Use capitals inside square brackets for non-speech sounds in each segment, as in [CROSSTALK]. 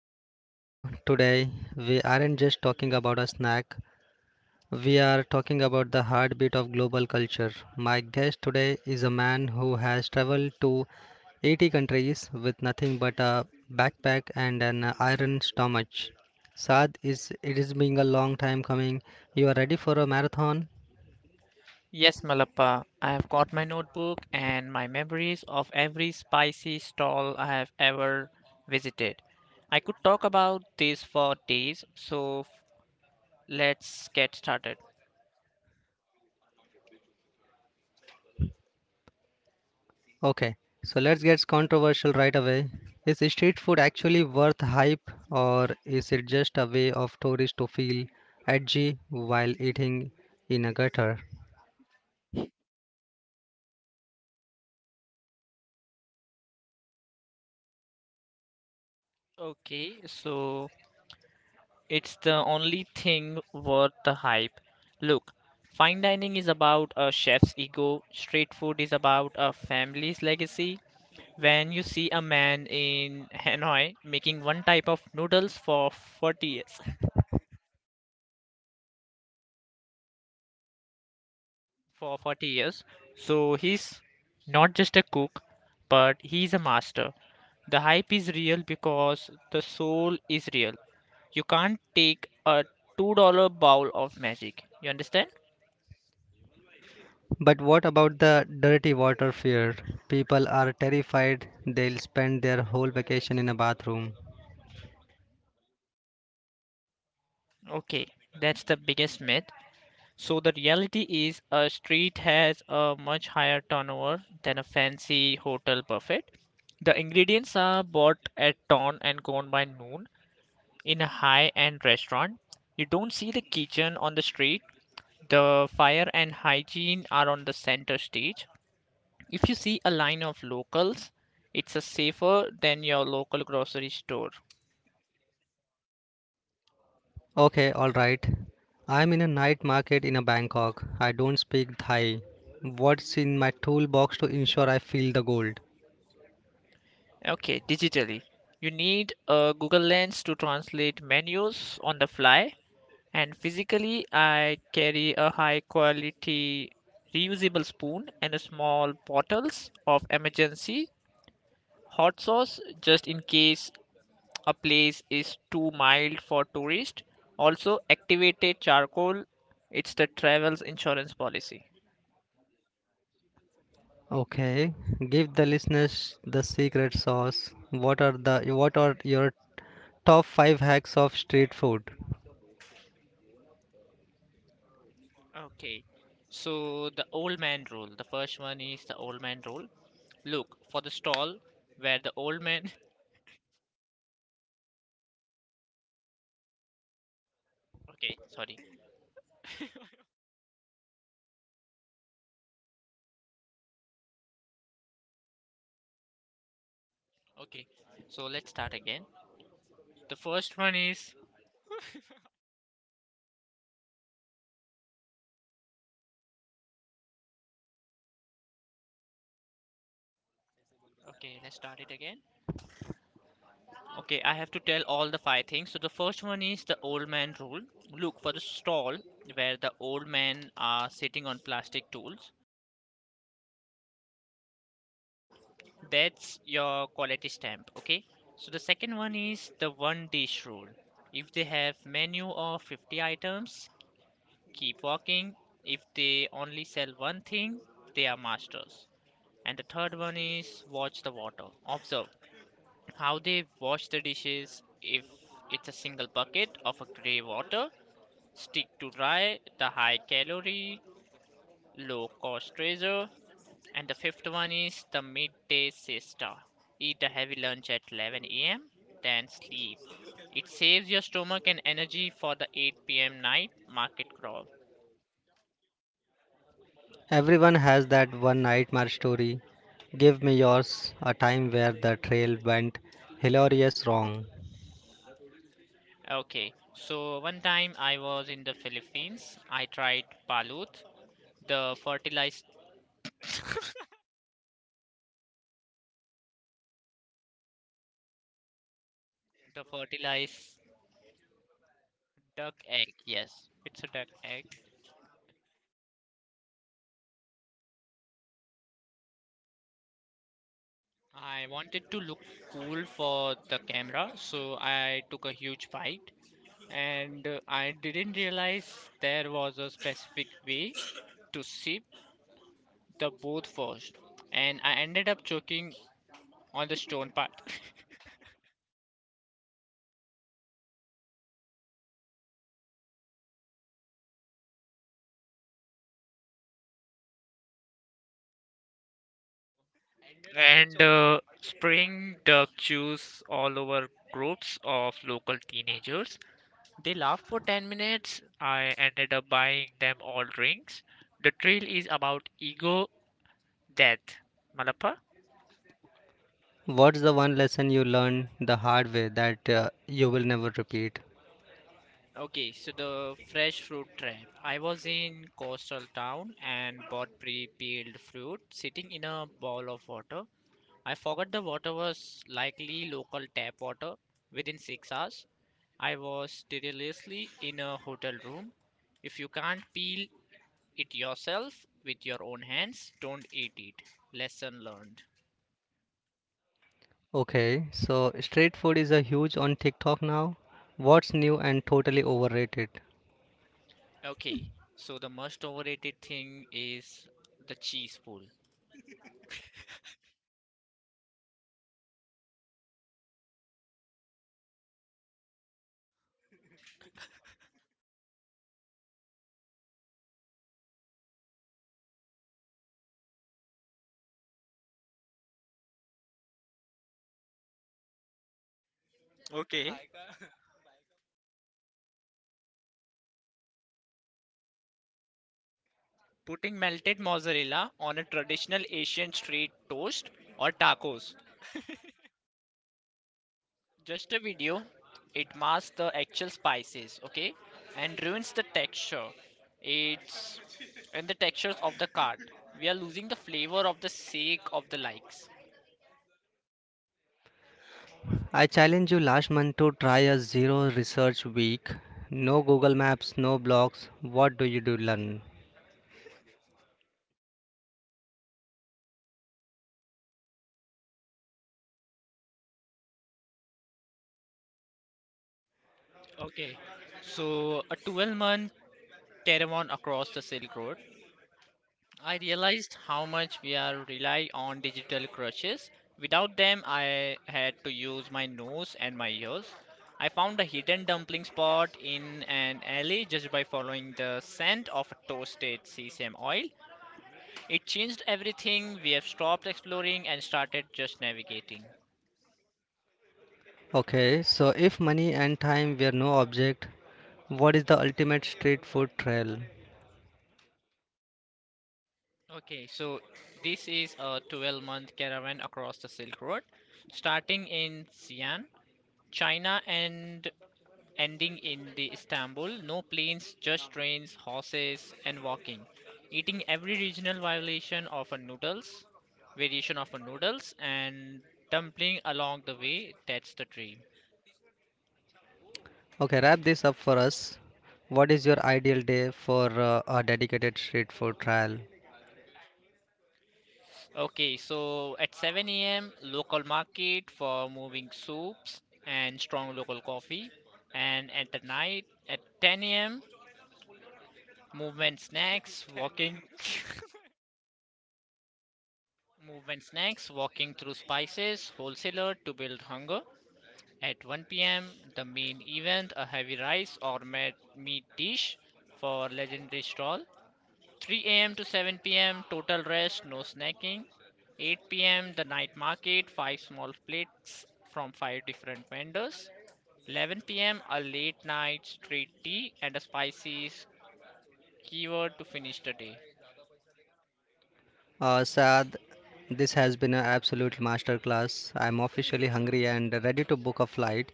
back to the studio. Today, we aren't just talking about a snack, we are talking about the heartbeat of global culture. My guest today is a man who has traveled to 80 countries with nothing but a backpack and an iron stomach. Saad, it is being a long time coming. You are ready for a marathon? Yes, Malappa, I have got my notebook and my memories of every spicy stall I have ever visited. I could talk about this for days, let's get started. Okay, so let's get controversial right away. Is street food actually worth hype or is it just a way of tourists to feel edgy while eating in a gutter? Okay, so it's the only thing worth the hype. Look, fine dining is about a chef's ego, street food is about a family's legacy. When you see a man in Hanoi making one type of noodles for 40 years, for 40 years. So he's not just a cook, but he's a master. The hype is real because the soul is real. You can't take a $2 bowl of magic. You understand? But what about the dirty water fear? People are terrified they'll spend their whole vacation in a bathroom. Okay, that's the biggest myth. So the reality is a street has a much higher turnover than a fancy hotel buffet. The ingredients are bought at dawn and gone by noon. In a high-end restaurant, you don't see the kitchen on the street. The fire and hygiene are on the center stage. If you see a line of locals, it's a safer than your local grocery store. Okay, alright. I'm in a night market in a Bangkok. I don't speak Thai. What's in my toolbox to ensure I feel the gold? Okay, digitally. You need a Google Lens to translate menus on the fly. And physically, I carry a high quality reusable spoon and a small bottles of emergency hot sauce just in case a place is too mild for tourists. Also, activated charcoal, it's the travel's insurance policy. Okay, give the listeners the secret sauce. What are your top 5 hacks of street food? Okay. So the old man rule. The first one is the old man rule. Look for the stall where the old man. [LAUGHS] Okay, sorry. Okay. So let's start again. The first one is. Okay, let's start it again. Okay, I have to tell all the five things. So the first one is the old man rule. Look for the stall where the old men are sitting on plastic tools. That's your quality stamp, okay? So the second one is the one dish rule. If they have menu of 50 items, keep walking. If they only sell one thing, they are masters. And the third one is watch the water. Observe how they wash the dishes. If it's a single bucket of a gray water, stick to dry, the high calorie, low cost treasure. And the fifth one is the midday siesta. Eat a heavy lunch at 11 a.m., then sleep. It saves your stomach and energy for the 8 p.m. night market crawl. Everyone has that one nightmare story. Give me yours, a time where the trail went hilarious wrong. Okay, so one time I was in the Philippines. I tried balut, the fertilized, the fertilized duck egg. Yes, it's a duck egg. I wanted to look cool for the camera, so I took a huge bite and I didn't realize there was a specific way to sip the both first, and I ended up choking on the stone part [LAUGHS] and spraying the juice all over groups of local teenagers. They laughed for 10 minutes. I ended up buying them all drinks. The trail is about ego death. Malappa? What's the one lesson you learned the hard way that you will never repeat? Okay, so the fresh fruit trap. I was in coastal town and bought pre-peeled fruit sitting in a bowl of water. I forgot the water was likely local tap water. Within 6 hours, I was deliriously in a hotel room. If you can't peel it yourself with your own hands, don't eat it. Lesson learned. Okay, so street food is a huge on TikTok now. What's new and totally overrated? Okay, so the most overrated thing is the cheese pool. Okay. Putting melted mozzarella on a traditional Asian street toast or tacos. Just a video, it masks the actual spices, okay, and ruins the texture. It's and the textures of the card. We are losing the flavor of the sake of the likes. I challenged you last month to try a zero research week. No Google Maps, no blogs. What do you do learn? Okay, so a 12-month caravan across the Silk Road. I realized how much we are rely on digital crutches. Without them, I had to use my nose and my ears. I found a hidden dumpling spot in an alley just by following the scent of toasted sesame oil. It changed everything. We have stopped exploring and started just navigating. Okay, so if money and time were no object, what is the ultimate street food trail? Okay, so this is a 12-month caravan across the Silk Road, starting in Xi'an, China, and ending in the Istanbul. No planes, just trains, horses, and walking. Eating every regional violation of a noodles, variation of a noodles, and dumpling along the way. That's the dream. Okay, wrap this up for us. What is your ideal day for a dedicated street food trial? Okay, so at 7 a.m., local market for moving soups and strong local coffee. And at the night, at 10 a.m., movement snacks, walking, [LAUGHS] movement snacks, walking through spices, wholesaler to build hunger. At 1 p.m., the main event a heavy meat dish for legendary stall. 3 a.m. to 7 p.m., total rest, no snacking. 8 p.m., the night market, 5 small plates from 5 different vendors. 11 p.m., a late night street tea and a spicy keyword to finish the day. Saad, this has been an absolute masterclass. I'm officially hungry and ready to book a flight.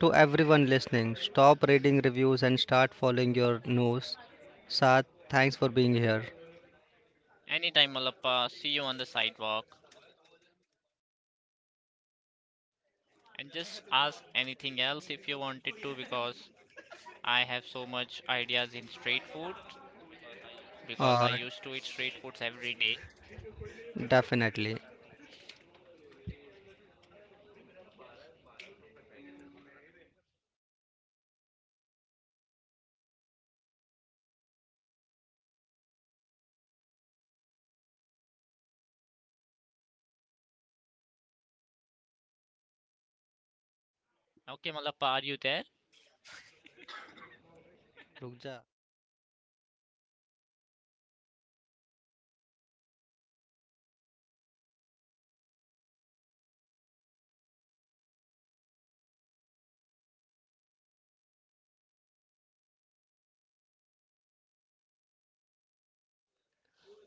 To everyone listening, stop reading reviews and start following your nose. Saad, thanks for being here. Anytime, Malappa, see you on the sidewalk. And just ask anything else if you wanted to because I have so much ideas in street food because I used to eat Uh, street foods every day. Definitely. Okay, Malappa, are you there? रुक जा.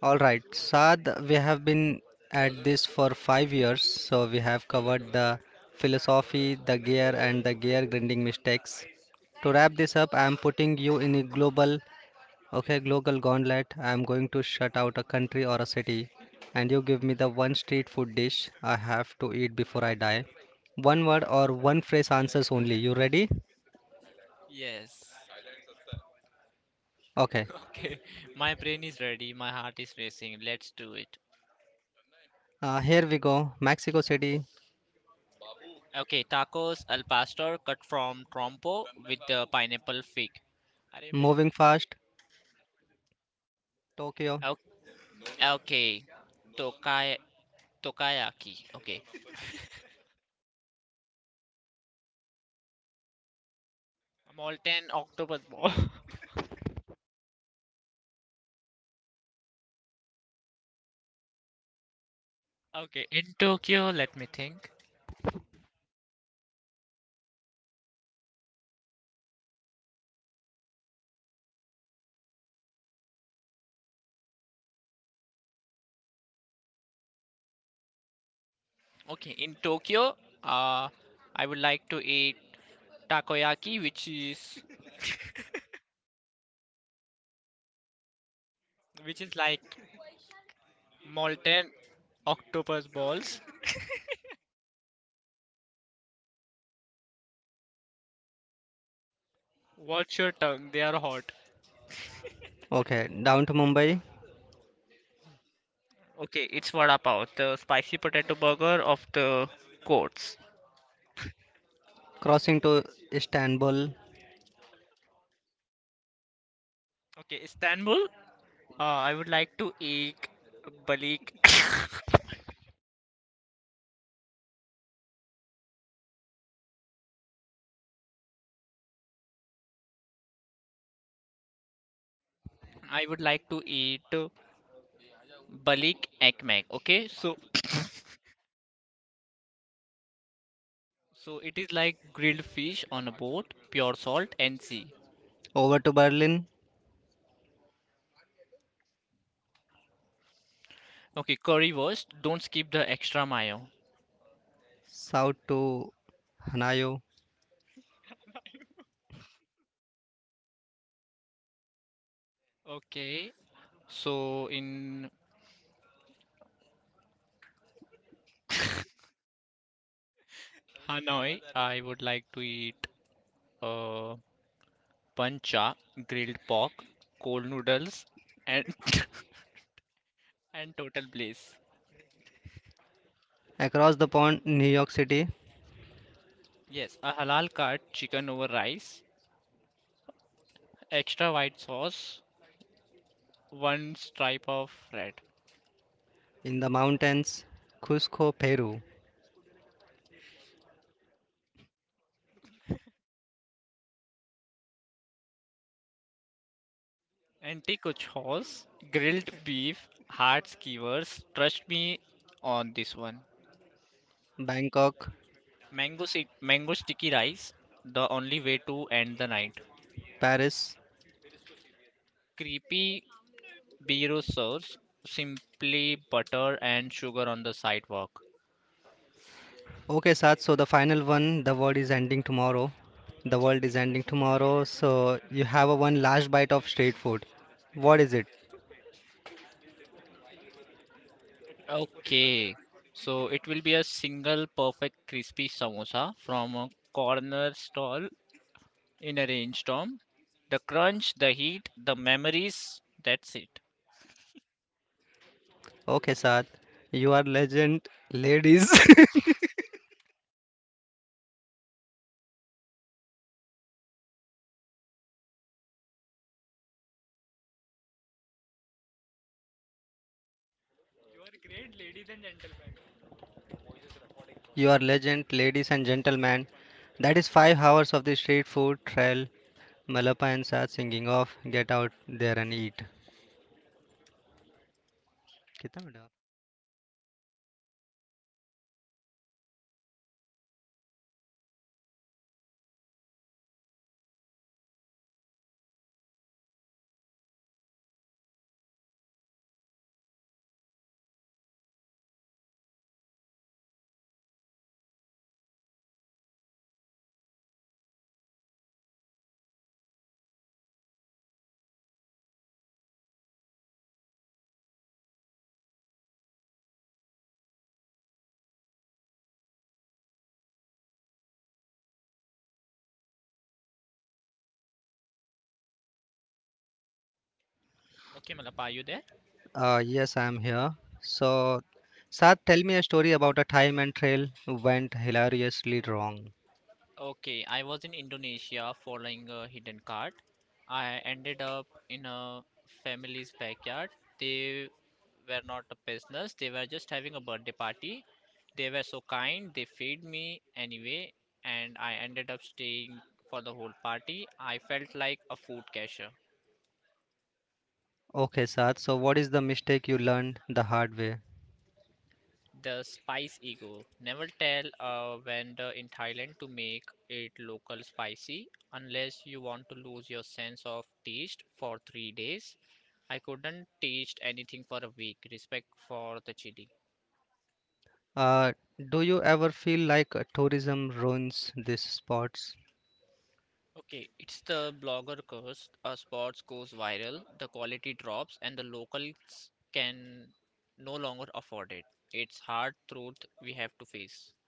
All right, Saad, we have been at this for 5 years, so we have covered the philosophy, the gear, and the gear grinding mistakes. To wrap this up, I am putting you in a global Okay, Global Gauntlet, I am going to shut out a country or a city, and you give me the one street food dish I have to eat before I die. One word or one phrase answers only. You ready? Yes. Okay. [LAUGHS] Okay, my brain is ready, my heart is racing. Let's do it. Here we go. Mexico City, Okay, tacos al pastor cut from trompo with the pineapple fig. अरे मेरे moving fast. Tokyo. भाई- Okay. Tokay Tokayaki. Okay. Molten octopus ball. [LAUGHS] Okay, in Tokyo, let me think. Okay, in Tokyo, uh, I would like to eat takoyaki, which is like molten octopus balls. Watch your tongue; they are hot. Okay, down to Mumbai, Okay, it's vada pav, the spicy potato burger of the courts. crossing to Istanbul, Okay, Istanbul. I would like to eat balik. [COUGHS] I would like to eat balik ekmek. Okay, so it is like grilled fish on a boat, pure salt and sea. over to Berlin, Okay, currywurst. Don't skip the extra mayo. south to Hanayo, Okay, so in Hanoi, I would like to eat uh, pancha, grilled pork, cold noodles, and [LAUGHS] and total bliss. across the pond, New York City, Yes, a halal cut chicken over rice, extra white sauce, one stripe of red, in the mountains, Cusco, Peru, anti-kuch horse, grilled beef, hard skewers. Trust me on this one. Bangkok, Mango sticky rice, the only way to end the night. Paris, Creepy Biro sauce, simply butter and sugar on the sidewalk. okay, Sat. So the final one, the world is ending tomorrow. The world is ending tomorrow. So you have a one last bite of street food. What is it? Okay, so it will be a single perfect crispy samosa from a corner stall in a rainstorm. The crunch, the heat, the memories, that's it. Okay, Sat. You are legend, ladies. [LAUGHS] You are legend, ladies and gentlemen. That is 5 hours of the street food trail. Malapa and Sat singing off. Get out there and eat. कितना बड़ा? Okay, Malapa, are you there? Yes, I am here. So, Sat, tell me a story about a time and trail went hilariously wrong. Okay, I was in Indonesia following a hidden card. I ended up in a family's backyard. They were not a business, they were just having a birthday party. They were so kind, they fed me anyway, and I ended up staying for the whole party. I felt like a food cashier. Okay, Saad. So, what is the mistake you learned the hard way? The spice ego. Never tell a vendor in Thailand to make it local spicy unless you want to lose your sense of taste for 3 days. I couldn't taste anything for a week. Respect for the chili. Uh, do you ever feel like tourism ruins these spots? Okay, it's the blogger curse. A spot goes viral, the quality drops, and the locals can no longer afford it. It's hard truth we have to face.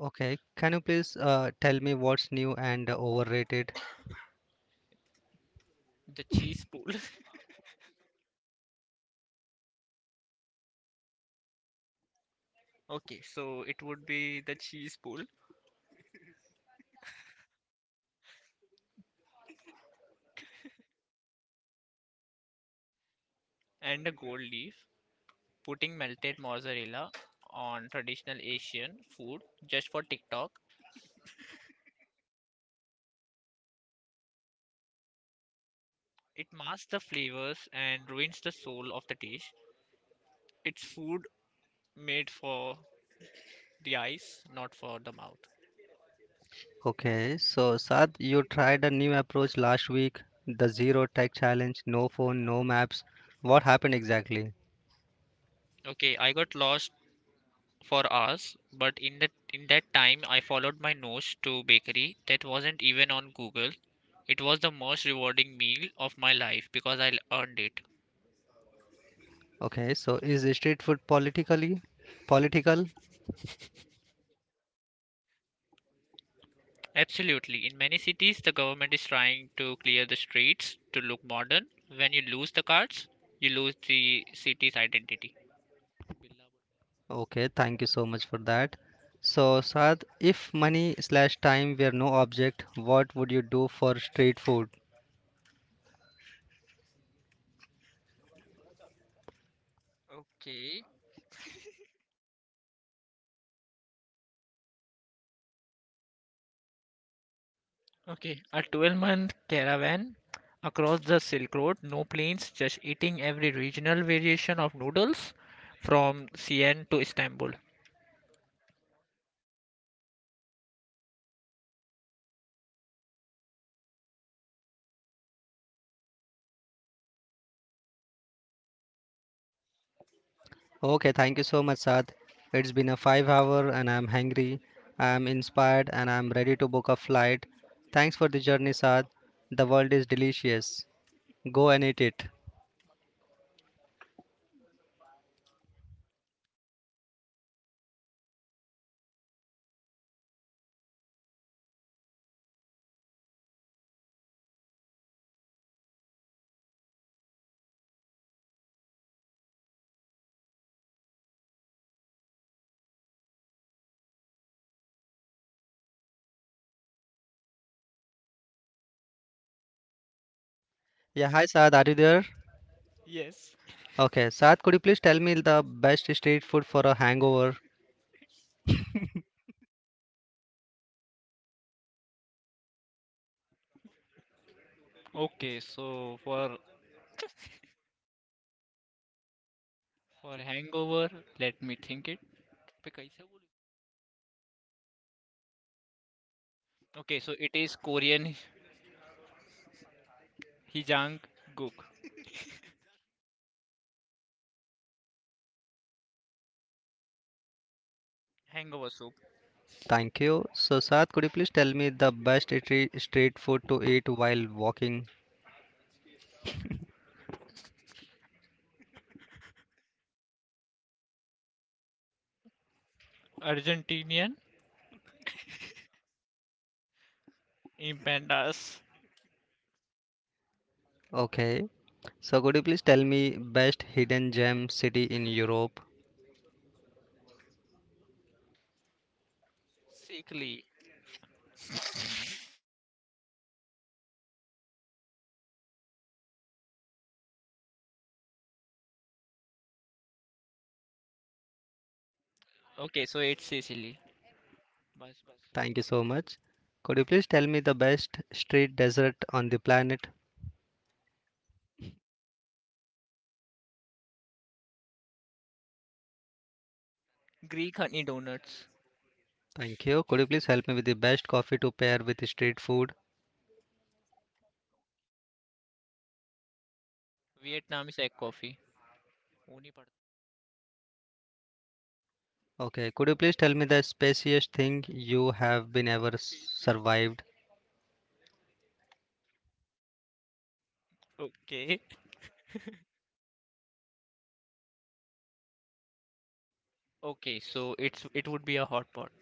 Okay, can you please tell me what's new and overrated? The cheese pool. [LAUGHS] Okay, so it would be the cheese pool and a gold leaf, putting melted mozzarella on traditional Asian food just for TikTok. It masks the flavors and ruins the soul of the dish. It's food made for the eyes, not for the mouth. Okay, so Saad, you tried a new approach last week, the zero tech challenge, no phone, no maps. What happened exactly? Okay, I got lost for hours, but in that time I followed my nose to bakery that wasn't even on Google. It was the most rewarding meal of my life because I earned it. Okay, so is street food political? Absolutely. In many cities, the government is trying to clear the streets to look modern. When you lose the cards, you lose the city's identity. Okay, thank you so much for that. So, Saad, if money slash time were no object, what would you do for street food? Okay. Okay. A 12-month caravan across the Silk Road, no planes, just eating every regional variation of noodles from Siena to Istanbul. Okay, thank you so much, Saad. It's been a 5 hour and I'm hungry, I'm inspired, and I'm ready to book a flight. Thanks for the journey, Saad. The world is delicious. Go and eat it. Yeah, hi, Saad, are you there? Yes. Okay, Saad, could you please tell me the best street food for a hangover? Okay, so for hangover, let me think it. पे कैसे बोलूं? Okay, so it is Korean Hijang Gook hangover soup. Thank you. So, Saad, could you please tell me the best street food to eat while walking? Argentinian empanadas, Okay. So, could you please tell me best hidden gem city in Europe? Sicily. Okay, so it's Sicily. बस बस Thank you so much. Could you please tell me the best street dessert on the planet? Greek honey donuts. Thank you. Could you please help me with the best coffee to pair with the street food? Vietnamese egg coffee. वो नहीं पढ़ता. Okay. Could you please tell me the spiciest thing you have been ever survived? Okay. Okay, so it would be a hot pot.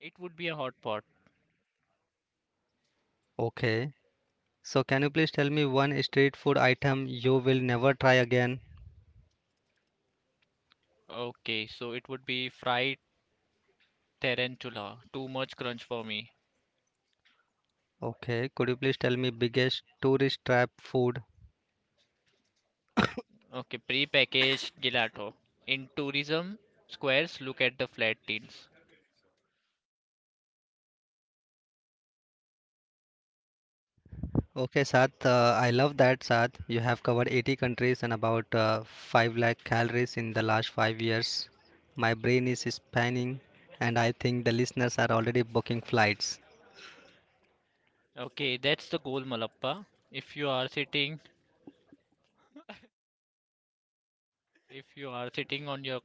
It would be a hot pot. Okay. So, can you please tell me one street food item you will never try again? Okay, so it would be fried tarantula. Too much crunch for me. Okay, could you please tell me biggest tourist trap food? Okay, pre-packaged gelato. In tourism squares, look at the flat tins. Okay, Sath, I love that, Sath. You have covered 80 countries and about 5 lakh calories in the last 5 years. My brain is spanning and I think the listeners are already booking flights. Okay, that's the goal, Malappa. If you are sitting, if you are sitting on your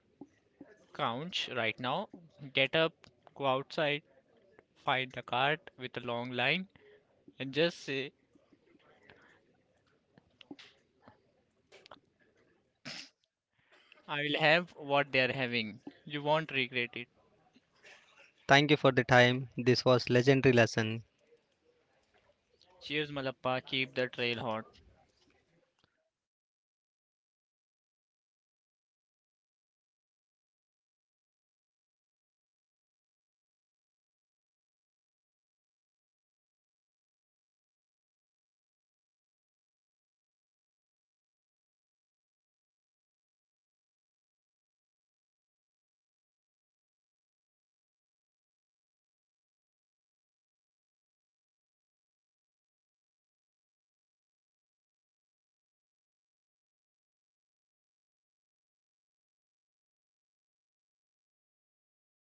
couch right now. Get up, go outside, find the cart with a long line, and just say, I will have what they are having. You won't regret it. Thank you for the time. This was legendary lesson. Cheers, Malappa. Keep the trail hot.